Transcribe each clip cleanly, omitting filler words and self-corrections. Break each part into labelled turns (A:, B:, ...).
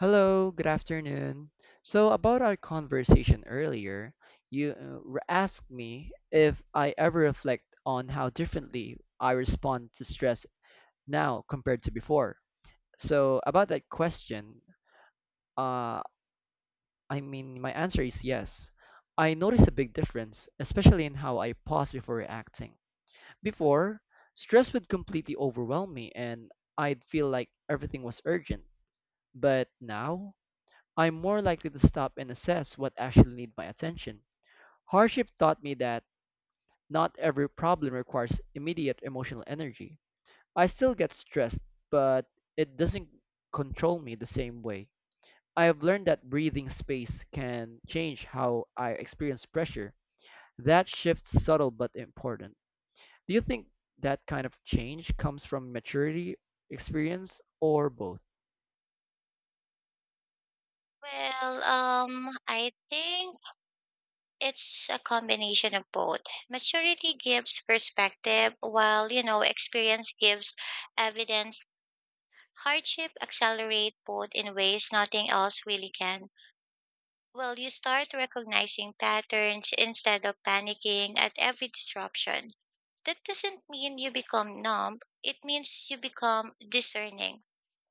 A: Hello, good afternoon. So, about our conversation earlier, you asked me if I ever reflect on how differently I respond to stress now compared to before. So, about that question, uh, my answer is yes. I notice a big difference, especially in how I pause before reacting. Before, stress would completely overwhelm me and I'd feel like everything was urgent. But now, I'm more likely to stop and assess what actually needs my attention. Hardship taught me that not every problem requires immediate emotional energy. I still get stressed, but it doesn't control me the same way. I have learned that breathing space can change how I experience pressure. That shift's subtle but important. Do you think that kind of change comes from maturity, experience, or both?
B: Well, I think it's a combination of both. Maturity gives perspective, while, experience gives evidence. Hardship accelerate both in ways nothing else really can. Well, you start recognizing patterns instead of panicking at every disruption. That doesn't mean you become numb. It means you become discerning.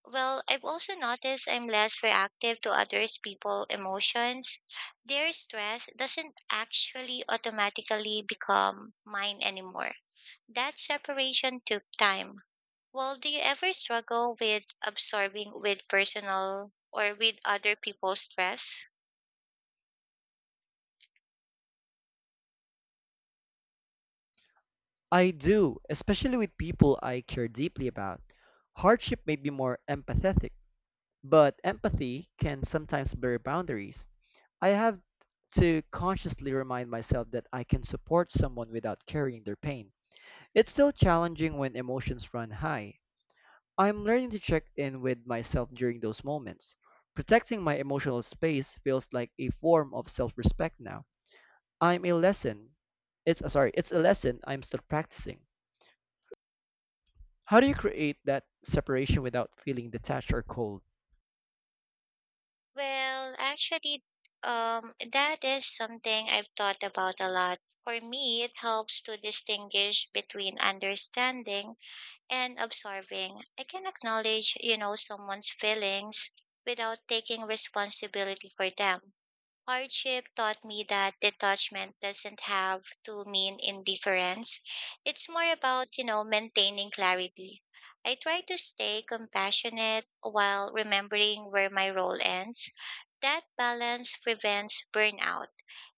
B: Well, I've also noticed I'm less reactive to others' people emotions. Their stress doesn't actually automatically become mine anymore. That separation took time. Well, do you ever struggle with absorbing with personal or with other people's stress?
A: I do, especially with people I care deeply about. Hardship made me more empathetic, but empathy can sometimes blur boundaries. I have to consciously remind myself that I can support someone without carrying their pain. It's still challenging when emotions run high. I'm learning to check in with myself during those moments. Protecting my emotional space feels like a form of self-respect now. I'm a lesson. It's sorry, it's a lesson I'm still practicing. How do you create that separation without feeling detached or cold?
B: Well, actually, that is something I've thought about a lot. For me, it helps to distinguish between understanding and observing. I can acknowledge, someone's feelings without taking responsibility for them. Hardship taught me that detachment doesn't have to mean indifference. It's more about, maintaining clarity. I try to stay compassionate while remembering where my role ends. That balance prevents burnout.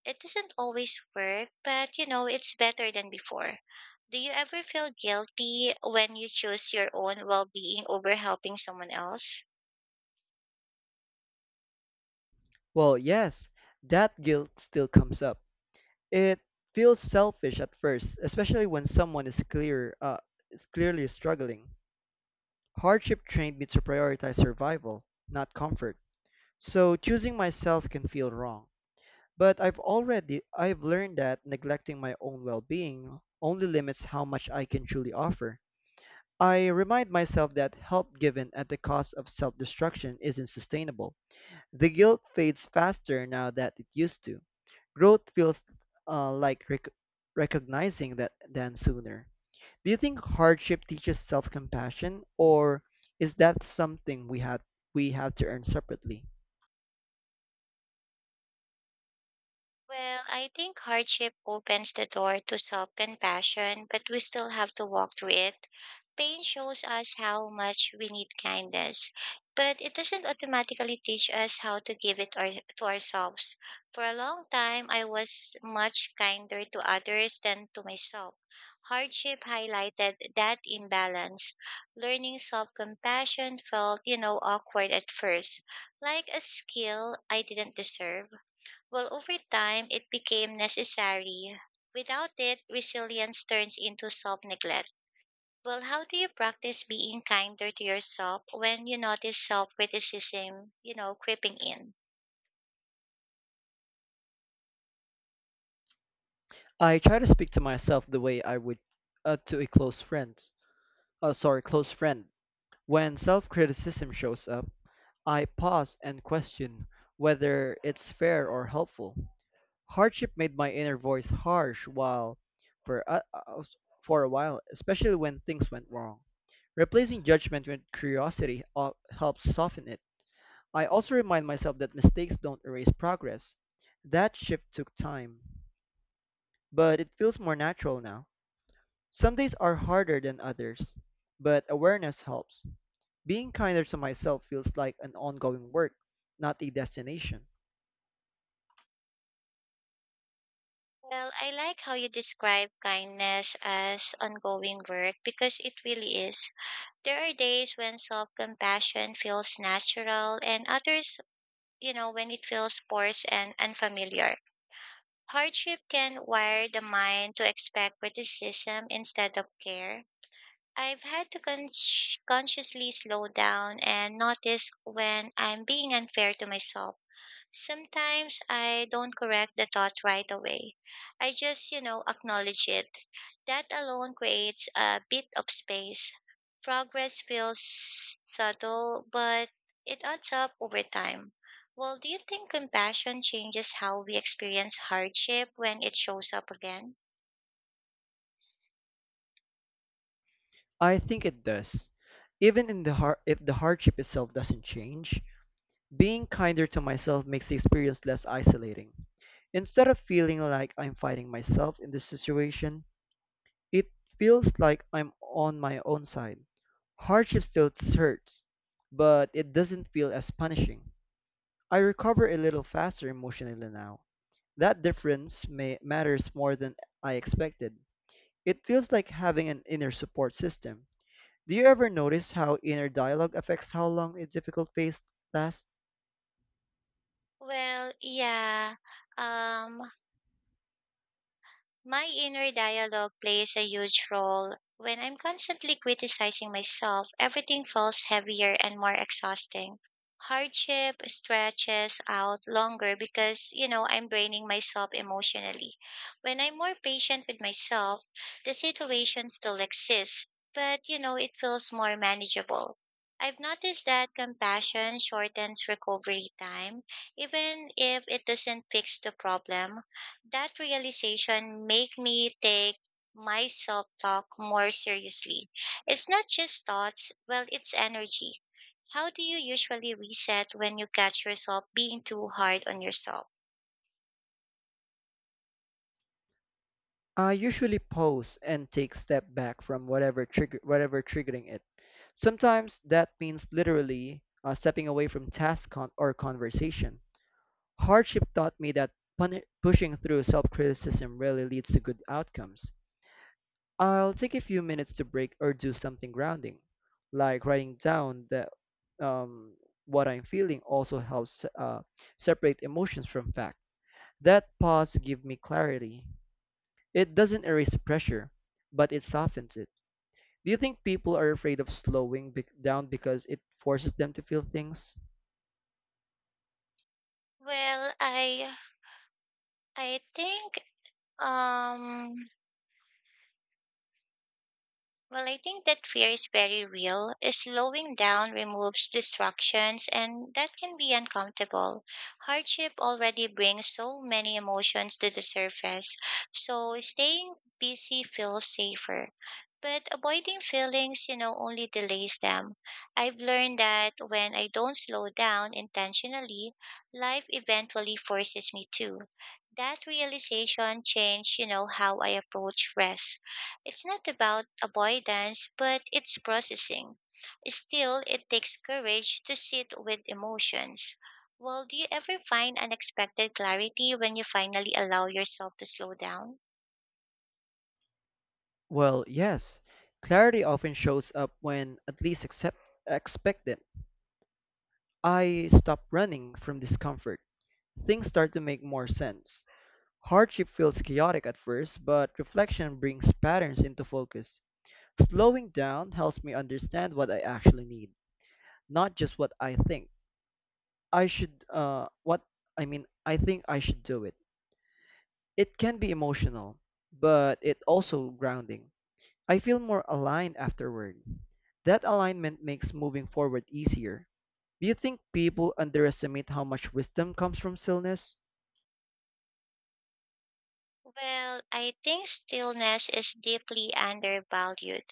B: It doesn't always work, but it's better than before. Do you ever feel guilty when you choose your own well being over helping someone else?
A: Well, yes, that guilt still comes up. It feels selfish at first, especially when someone is clearly struggling. Hardship trained me to prioritize survival, not comfort. So choosing myself can feel wrong. But I've learned that neglecting my own well-being only limits how much I can truly offer. I remind myself that help given at the cost of self-destruction isn't sustainable. The guilt fades faster now that it used to. Growth feels like recognizing that than sooner. Do you think hardship teaches self-compassion, or is that something we have to earn separately?
B: Well, I think hardship opens the door to self compassion, but we still have to walk through it. Pain shows us how much we need kindness, but it doesn't automatically teach us how to give it to ourselves. For a long time, I was much kinder to others than to myself. Hardship highlighted that imbalance. Learning self compassion felt, awkward at first, like a skill I didn't deserve. Well, over time, it became necessary. Without it, resilience turns into self neglect. Well, how do you practice being kinder to yourself when you notice self criticism, creeping in?
A: I try to speak to myself the way I would to a close friend. When self-criticism shows up, I pause and question whether it's fair or helpful. Hardship made my inner voice harsh while for a, uh, for a while, especially when things went wrong. Replacing judgment with curiosity helps soften it. I also remind myself that mistakes don't erase progress. That shift took time, but it feels more natural now. Some days are harder than others, but awareness helps. Being kinder to myself feels like an ongoing work, not a destination.
B: Well, I like how you describe kindness as ongoing work because it really is. There are days when self compassion feels natural and others, when it feels forced and unfamiliar. Hardship can wire the mind to expect criticism instead of care. I've had to consciously slow down and notice when I'm being unfair to myself. Sometimes I don't correct the thought right away. I just, acknowledge it. That alone creates a bit of space. Progress feels subtle, but it adds up over time. Well, do you think compassion changes how we experience hardship when it shows up again?
A: I think it does. Even in the har- if the hardship itself doesn't change, being kinder to myself makes the experience less isolating. Instead of feeling like I'm fighting myself in this situation, it feels like I'm on my own side. Hardship still hurts, but it doesn't feel as punishing. I recover a little faster emotionally now. That matters more than I expected. It feels like having an inner support system. Do you ever notice how inner dialogue affects how long a difficult phase lasts?
B: Well, yeah. Um, My inner dialogue plays a huge role. When I'm constantly criticizing myself, everything feels heavier and more exhausting. Hardship stretches out longer because, I'm draining myself emotionally. When I'm more patient with myself, the situation still exists, but, it feels more manageable. I've noticed that compassion shortens recovery time, even if it doesn't fix the problem. That realization made me take my self talk more seriously. It's not just thoughts, well, it's energy. How do you usually reset when you catch yourself being too hard on yourself?
A: I usually pause and take a step back from whatever triggering it. Sometimes that means literally stepping away from task or conversation. Hardship taught me that pushing through self-criticism rarely leads to good outcomes. I'll take a few minutes to break or do something grounding, like writing down the um, what I'm feeling. Also helps separate emotions from facts. That pause gives me clarity. It doesn't erase pressure, but it softens it. Do you think people are afraid of slowing bec down because it forces them to feel things?
B: Well, I I think um Well, I think that fear is very real. Slowing down removes distractions, and that can be uncomfortable. Hardship already brings so many emotions to the surface, so staying busy feels safer. But avoiding feelings, only delays them. I've learned that when I don't slow down intentionally, life eventually forces me to. That realization changed, how I approach rest. It's not about avoidance, but it's processing. Still, it takes courage to sit with emotions. Well, do you ever find unexpected clarity when you finally allow yourself to slow down?
A: Well, yes. Clarity often shows up when at least accept expect it. I stop running from discomfort. Things start to make more sense. Hardship feels chaotic at first, but reflection brings patterns into focus. Slowing down helps me understand what I actually need, not just what I think. I should what I mean I think I should do it. It can be emotional, but it also grounding. I feel more aligned afterward. That alignment makes moving forward easier. Do you think people underestimate how much wisdom comes from stillness?
B: Well, I think stillness is deeply undervalued.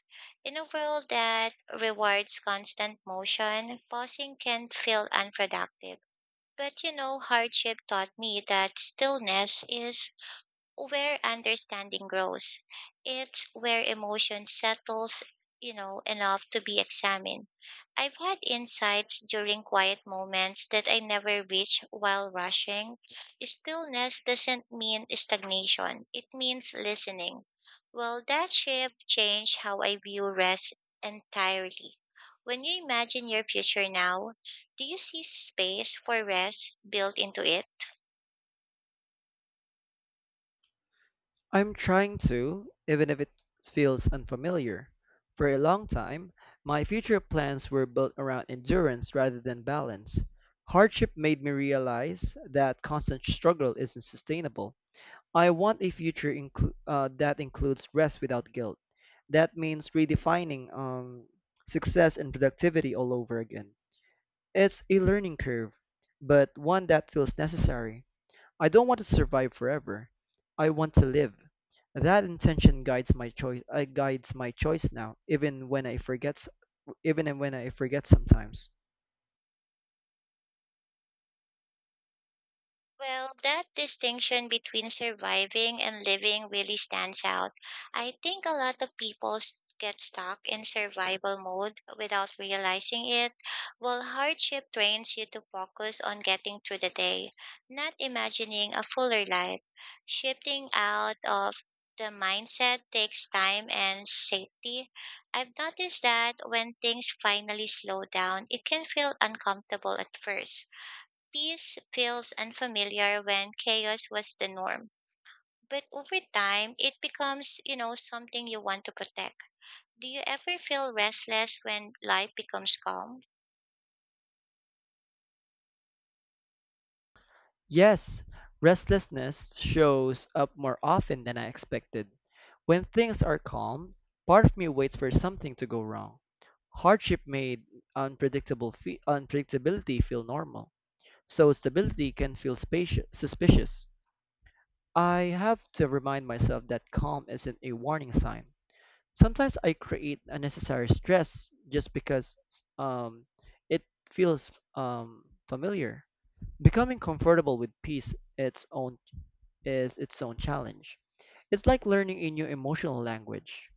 B: In a world that rewards constant motion, pausing can feel unproductive. But hardship taught me that stillness is where understanding grows. It's where emotion settles, enough to be examined. I've had insights during quiet moments that I never reach while rushing. Stillness doesn't mean stagnation, it means listening. Well, that shift changed how I view rest entirely. When you imagine your future now, do you see space for rest built into it?
A: I'm trying to, even if it feels unfamiliar. For a long time, my future plans were built around endurance rather than balance. Hardship made me realize that constant struggle isn't sustainable. I want a future that includes rest without guilt. That means redefining success and productivity all over again. It's a learning curve, but one that feels necessary. I don't want to survive forever. I want to live. That intention guides my choice now, even when I forget. Even when I forget sometimes.
B: Well, that distinction between surviving and living really stands out. I think a lot of people get stuck in survival mode without realizing it, while hardship trains you to focus on getting through the day, not imagining a fuller life. Shifting out of the mindset takes time and safety. I've noticed that when things finally slow down, it can feel uncomfortable at first. Peace feels unfamiliar when chaos was the norm. But over time, it becomes, something you want to protect. Do you ever feel restless when life becomes calm?
A: Yes, restlessness shows up more often than I expected. When things are calm, part of me waits for something to go wrong. Hardship made unpredictability feel normal, so stability can feel suspicious. I have to remind myself that calm isn't a warning sign. Sometimes I create unnecessary stress just because um, it feels familiar. Becoming comfortable with peace, its own is its own challenge. It's like learning a new emotional language.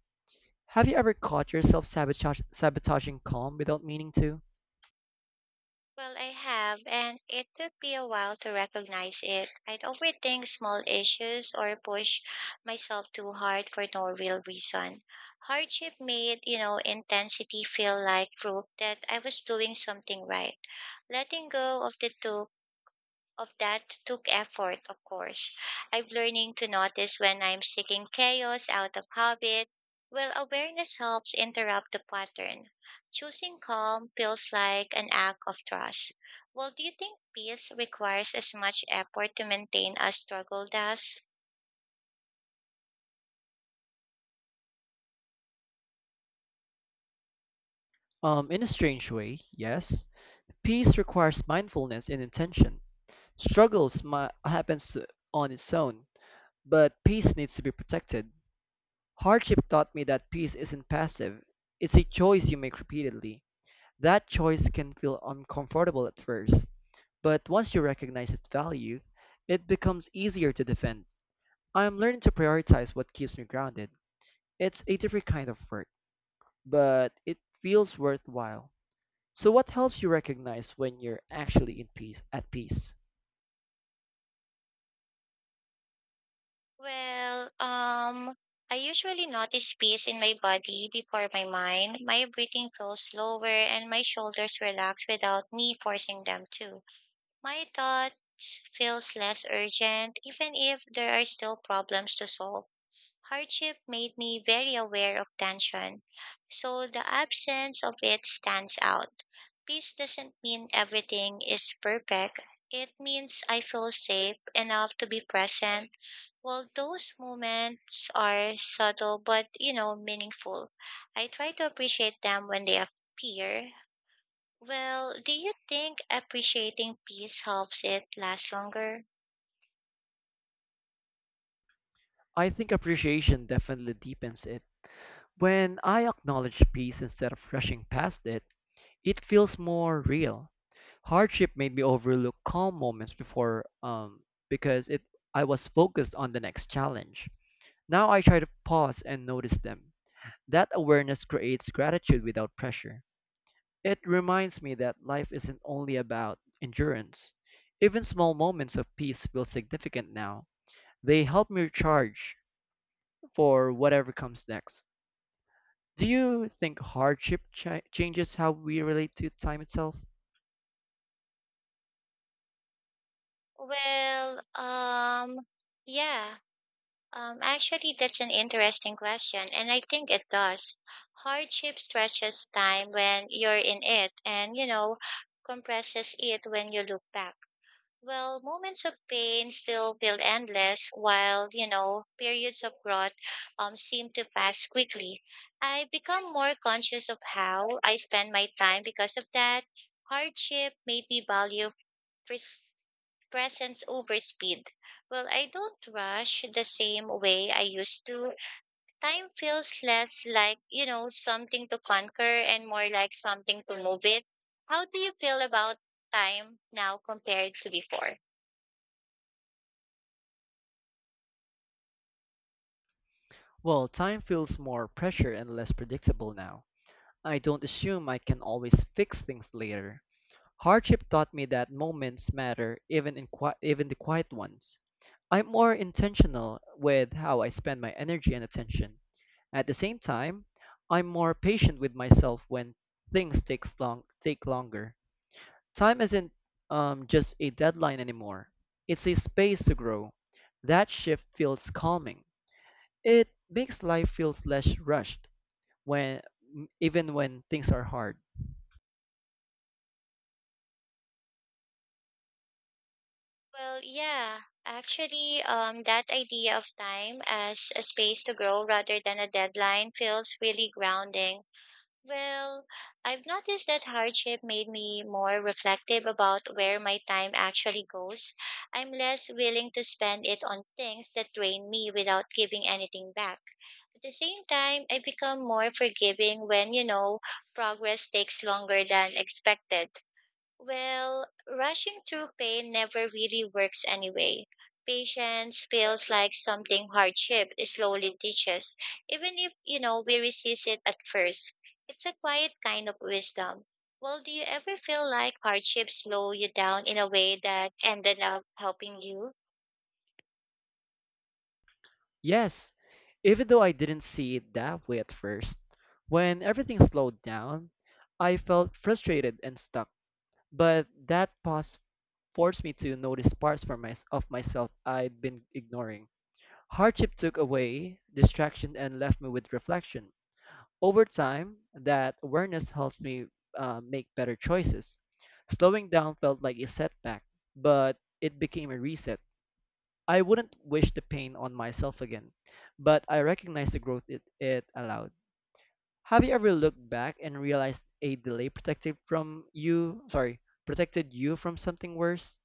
A: Have you ever caught yourself sabotaging calm without meaning to?
B: Well, I have, and it took me a while to recognize it. I'd overthink small issues or push myself too hard for no real reason. Hardship made, intensity feel like proof that I was doing something right. Letting go of the two of that took effort, of course. I'm learning to notice when I'm seeking chaos out of habit. Well, awareness helps interrupt the pattern. Choosing calm feels like an act of trust. Well, do you think peace requires as much effort to maintain as struggle does?
A: In a strange way, yes. Peace requires mindfulness and intention. Struggles mi- happens to- on its own, but peace needs to be protected. Hardship taught me that peace isn't passive. It's a choice you make repeatedly. That choice can feel uncomfortable at first, but once you recognize its value, it becomes easier to defend. I am learning to prioritize what keeps me grounded. It's a different kind of work, but it feels worthwhile. So what helps you recognize when you're actually in peace at peace?
B: Well, I usually notice peace in my body before my mind. My breathing feels slower and my shoulders relax without me forcing them to. My thoughts feels less urgent even if there are still problems to solve. Hardship made me very aware of tension, so the absence of it stands out. Peace doesn't mean everything is perfect. It means I feel safe enough to be present. Well, those moments are subtle but, meaningful. I try to appreciate them when they appear. Well, do you think appreciating peace helps it last longer?
A: I think appreciation definitely deepens it. When I acknowledge peace instead of rushing past it, it feels more real. Hardship made me overlook calm moments before because it I was focused on the next challenge. Now I try to pause and notice them. That awareness creates gratitude without pressure. It reminds me that life isn't only about endurance. Even small moments of peace feel significant now. They help me recharge for whatever comes next. Do you think changes how we relate to time itself?
B: Well, yeah. Actually, that's an interesting question, and I think it does. Hardship stretches time when you're in it, and compresses it when you look back. Well, moments of pain still feel endless, while, periods of growth seem to pass quickly. I become more conscious of how I spend my time because of that. Hardship made me value pres- presence over speed. Well, I don't rush the same way I used to. Time feels less like, something to conquer and more like something to move it. How do you feel about time now compared to before?
A: Well, time feels more pressure and less predictable now. I don't assume I can always fix things later. Hardship taught me that moments matter, even the quiet ones. I'm more intentional with how I spend my energy and attention. At the same time, I'm more patient with myself when things takes long take longer. Time isn't just a deadline anymore. It's a space to grow. That shift feels calming. It makes life feels less rushed when even when things are hard.
B: Well, yeah, actually, that idea of time as a space to grow rather than a deadline feels really grounding. Well, I've noticed that hardship made me more reflective about where my time actually goes. I'm less willing to spend it on things that drain me without giving anything back. At the same time, I become more forgiving when, progress takes longer than expected. Well, rushing through pain never really works anyway. Patience feels like something hardship slowly teaches, even if, we resist it at first. It's a quiet kind of wisdom. Well, do you ever feel like hardship slow you down in a way that ended up helping you?
A: Yes, even though I didn't see it that way at first, when everything slowed down, I felt frustrated and stuck. But that pause forced me to notice of myself I'd been ignoring. Hardship took away distraction and left me with reflection. Over time, that awareness helped me make better choices. Slowing down felt like a setback, but it became a reset. I wouldn't wish the pain on myself again, but I recognize the growth it allowed. Have you ever looked back and realized a delay protected from you? Sorry, protected you from something worse?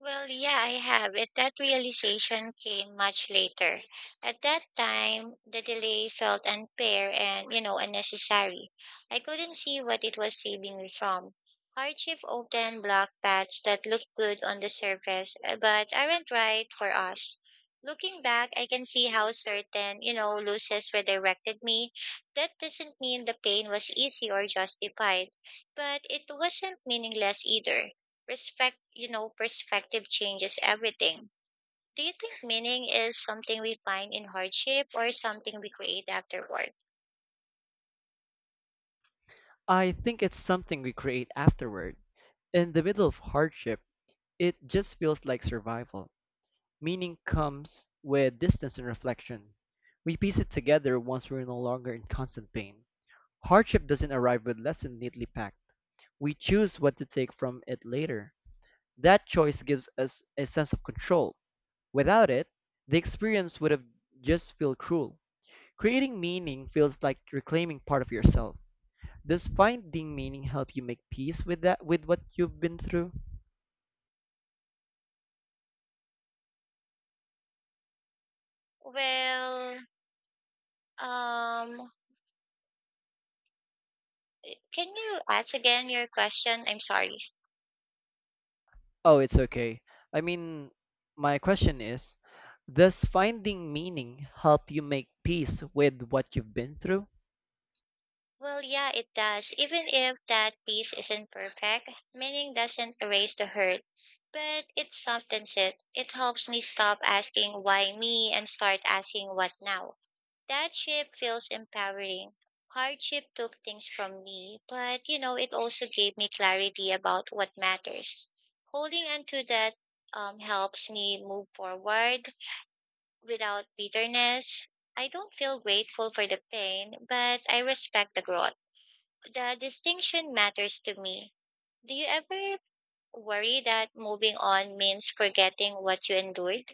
B: Well, yeah, I have. That realization came much later. At that time, the delay felt unfair and, unnecessary. I couldn't see what it was saving me from. Hardship often blocked paths that look good on the surface, but aren't right for us. Looking back, I can see how certain, losses redirected me. That doesn't mean the pain was easy or justified, but it wasn't meaningless either. Perspective changes everything. Do you think meaning is something we find in hardship or something we create afterward?
A: I think it's something we create afterward. In the middle of hardship, it just feels like survival. Meaning comes with distance and reflection. We piece it together once we're no longer in constant pain. Hardship doesn't arrive with lesson neatly packed. We choose what to take from it later. That choice gives us a sense of control. Without it, the experience would have just felt cruel. Creating meaning feels like reclaiming part of yourself. Does finding meaning help you make peace with that with what you've been through?
B: Well, um, can you ask again your question? I'm sorry.
A: Oh, it's okay. I mean, my question is, does finding meaning help you make peace with what you've been through?
B: Well, yeah, it does. Even if that piece isn't perfect, meaning doesn't erase the hurt, but it softens it. It helps me stop asking why me and start asking what now. That ship feels empowering. Hardship took things from me, but it also gave me clarity about what matters. Holding on to that helps me move forward without bitterness. I don't feel grateful for the pain, but I respect the growth. The distinction matters to me. Do you ever worry that moving on means forgetting what you endured?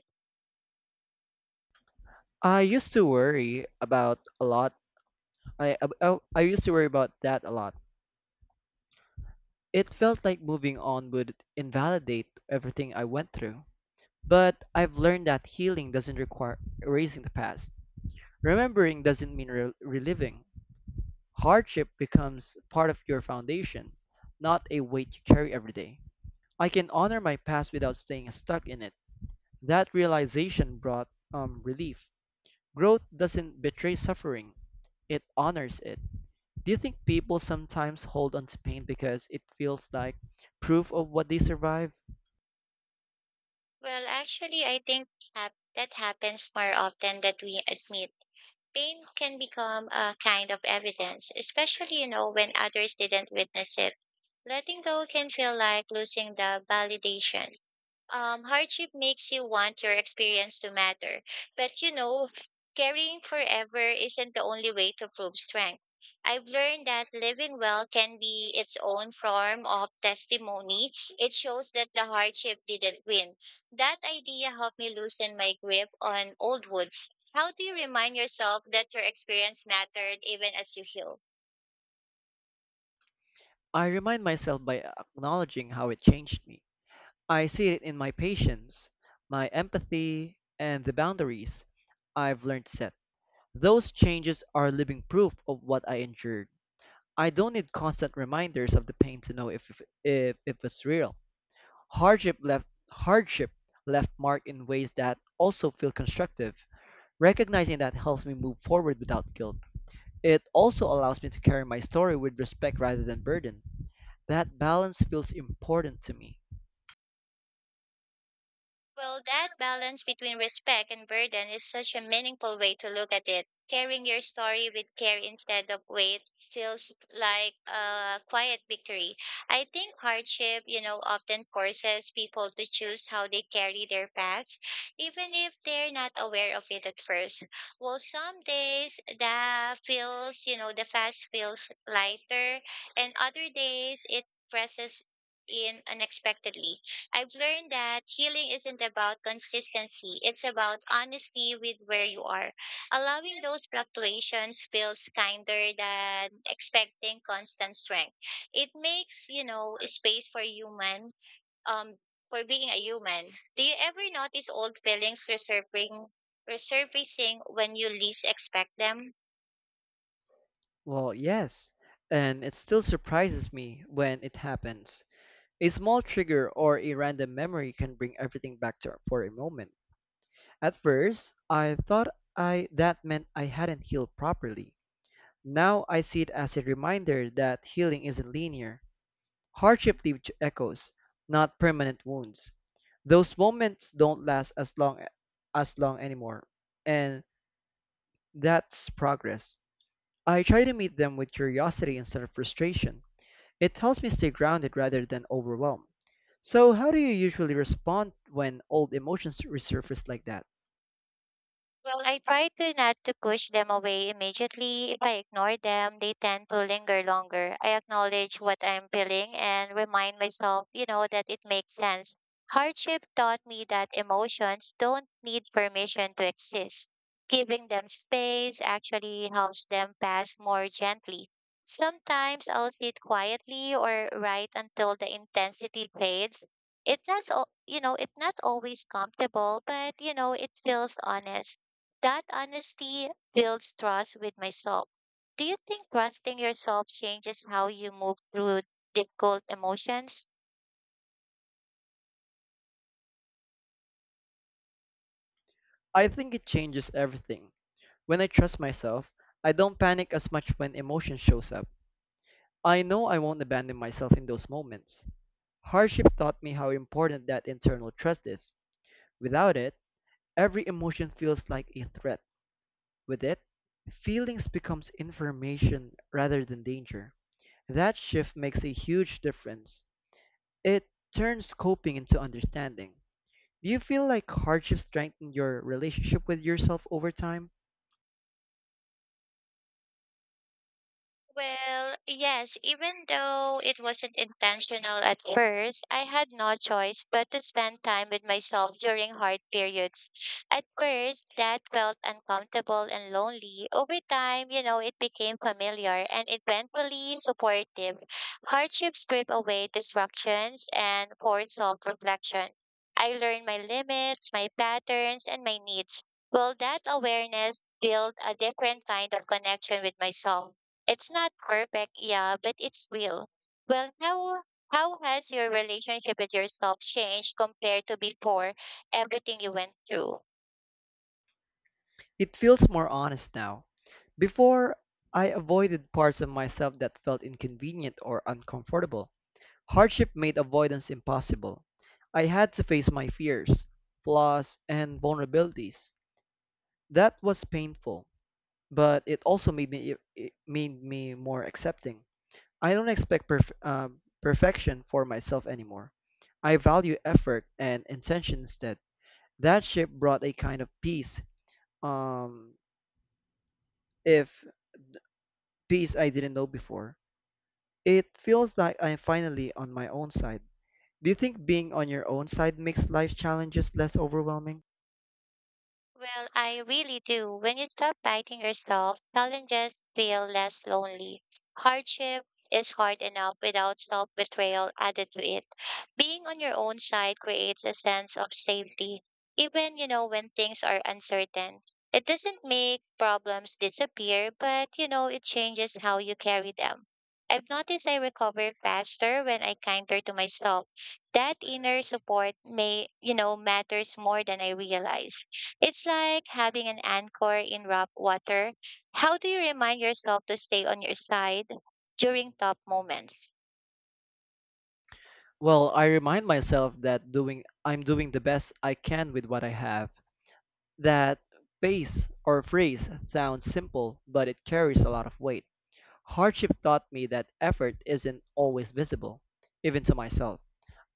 A: I used to worry about a lot. I ab- oh, I used to worry about that a lot. It felt like moving on would invalidate everything I went through. But I've learned that healing doesn't require erasing the past. Remembering doesn't mean reliving. Hardship becomes part of your foundation, not a weight you carry every day. I can honor my past without staying stuck in it. That realization brought relief. Growth doesn't betray suffering, it honors it. Do you think people sometimes hold on to pain because it feels like proof of what they survived?
B: Well, actually, I think that happens more often than we admit. Pain can become a kind of evidence, especially, when others didn't witness it. Letting go can feel like losing the validation. Hardship makes you want your experience to matter. But carrying forever isn't the only way to prove strength. I've learned that living well can be its own form of testimony. It shows that the hardship didn't win. That idea helped me loosen my grip on old woods. How do you remind yourself that your experience mattered even as you heal?
A: I remind myself by acknowledging how it changed me. I see it in my patience, my empathy, and the boundaries I've learned to set. Those changes are living proof of what I endured. I don't need constant reminders of the pain to know if it's real. Hardship left mark in ways that also feel constructive. Recognizing that helps me move forward without guilt. It also allows me to carry my story with respect rather than burden. That balance feels important to me.
B: Well, that balance between respect and burden is such a meaningful way to look at it. Carrying your story with care instead of weight feels like a quiet victory. I think hardship, often forces people to choose how they carry their past, even if they're not aware of it at first. Well, some days the past feels lighter, and other days it presses in unexpectedly. I've learned that healing isn't about consistency, it's about honesty with where you are. Allowing those fluctuations feels kinder than expecting constant strength. It makes, space for um, for being a human. Do you ever notice old feelings resurfacing when you least expect them?
A: Well, yes, and it still surprises me when it happens. A small trigger or a random memory can bring everything for a moment. At first, I thought I that meant I hadn't healed properly. Now I see it as a reminder that healing isn't linear. Hardship leaves echoes, not permanent wounds. Those moments don't last as long anymore, and that's progress. I try to meet them with curiosity instead of frustration. It helps me stay grounded rather than overwhelmed. So, how do you usually respond when old emotions resurface like that?
B: Well, I try to not to push them away immediately. If I ignore them, they tend to linger longer. I acknowledge what I'm feeling and remind myself, that it makes sense. Hardship taught me that emotions don't need permission to exist. Giving them space actually helps them pass more gently. Sometimes I'll sit quietly or write until the intensity fades. It's not always comfortable, but it feels honest. That honesty builds trust with myself. Do you think trusting yourself changes how you move through difficult emotions?
A: I think it changes everything. When I trust myself, I don't panic as much when emotion shows up. I know I won't abandon myself in those moments. Hardship taught me how important that internal trust is. Without it, every emotion feels like a threat. With it, feelings becomes information rather than danger. That shift makes a huge difference. It turns coping into understanding. Do you feel like hardship strengthened your relationship with yourself over time?
B: Well, yes, even though it wasn't intentional at first, I had no choice but to spend time with myself during hard periods. At first, that felt uncomfortable and lonely. Over time, it became familiar and eventually supportive. Hardships strip away distractions and force self-reflection. I learned my limits, my patterns, and my needs. Well, that awareness built a different kind of connection with myself. It's not perfect, yeah, but it's real. Well, how has your relationship with yourself changed compared to before everything you went through?
A: It feels more honest now. Before, I avoided parts of myself that felt inconvenient or uncomfortable. Hardship made avoidance impossible. I had to face my fears, flaws, and vulnerabilities. That was painful, but it also made me it made me more accepting. I don't expect perfection for myself anymore. I value effort and intention instead. That ship brought a kind of peace, um, if peace I didn't know before. It feels like I'm finally on my own side. Do you think being on your own side makes life challenges less overwhelming?
B: Well, I really do. When you stop fighting yourself, challenges feel less lonely. Hardship is hard enough without self betrayal added to it. Being on your own side creates a sense of safety, even, when things are uncertain. It doesn't make problems disappear, but, it changes how you carry them. I've noticed I recover faster when I kinder to myself. That inner support may, matters more than I realize. It's like having an anchor in rough water. How do you remind yourself to stay on your side during tough moments?
A: Well, I remind myself that doing I'm doing the best I can with what I have. That phrase sounds simple, but it carries a lot of weight. Hardship taught me that effort isn't always visible, even to myself.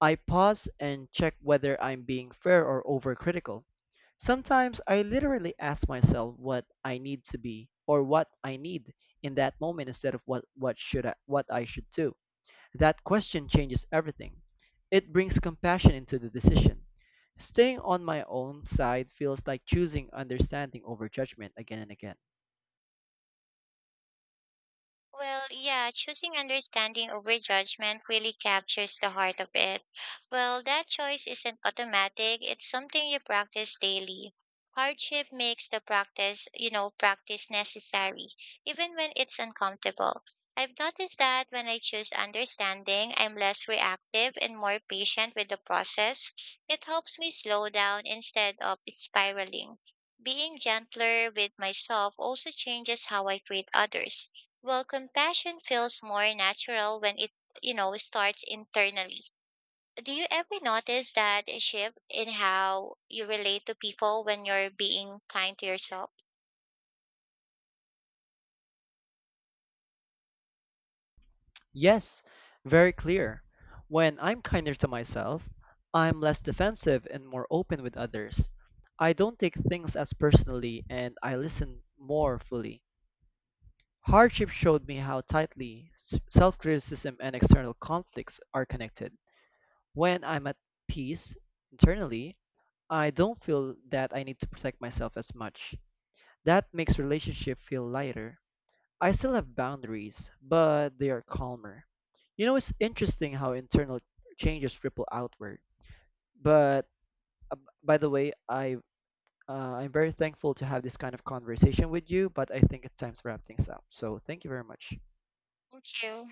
A: I pause and check whether I'm being fair or overcritical. Sometimes I literally ask myself what I need in that moment instead of what I should do. That question changes everything. It brings compassion into the decision. Staying on my own side feels like choosing understanding over judgment again and again.
B: Well, yeah, choosing understanding over judgment really captures the heart of it. Well, that choice isn't automatic, it's something you practice daily. Hardship makes the practice necessary, even when it's uncomfortable. I've noticed that when I choose understanding, I'm less reactive and more patient with the process. It helps me slow down instead of spiraling. Being gentler with myself also changes how I treat others. Well, compassion feels more natural when it, starts internally. Do you ever notice that shift in how you relate to people when you're being kind to yourself?
A: Yes, very clear. When I'm kinder to myself, I'm less defensive and more open with others. I don't take things as personally and I listen more fully. Hardship showed me how tightly self-criticism and external conflicts are connected. When I'm at peace internally, I don't feel that I need to protect myself as much. That makes relationship feel lighter. I still have boundaries, but they are calmer. You know, it's interesting how internal changes ripple outward. But by the way, uh, I'm very thankful to have this kind of conversation with you, but I think it's time to wrap things up. So thank you very much.
B: Thank you.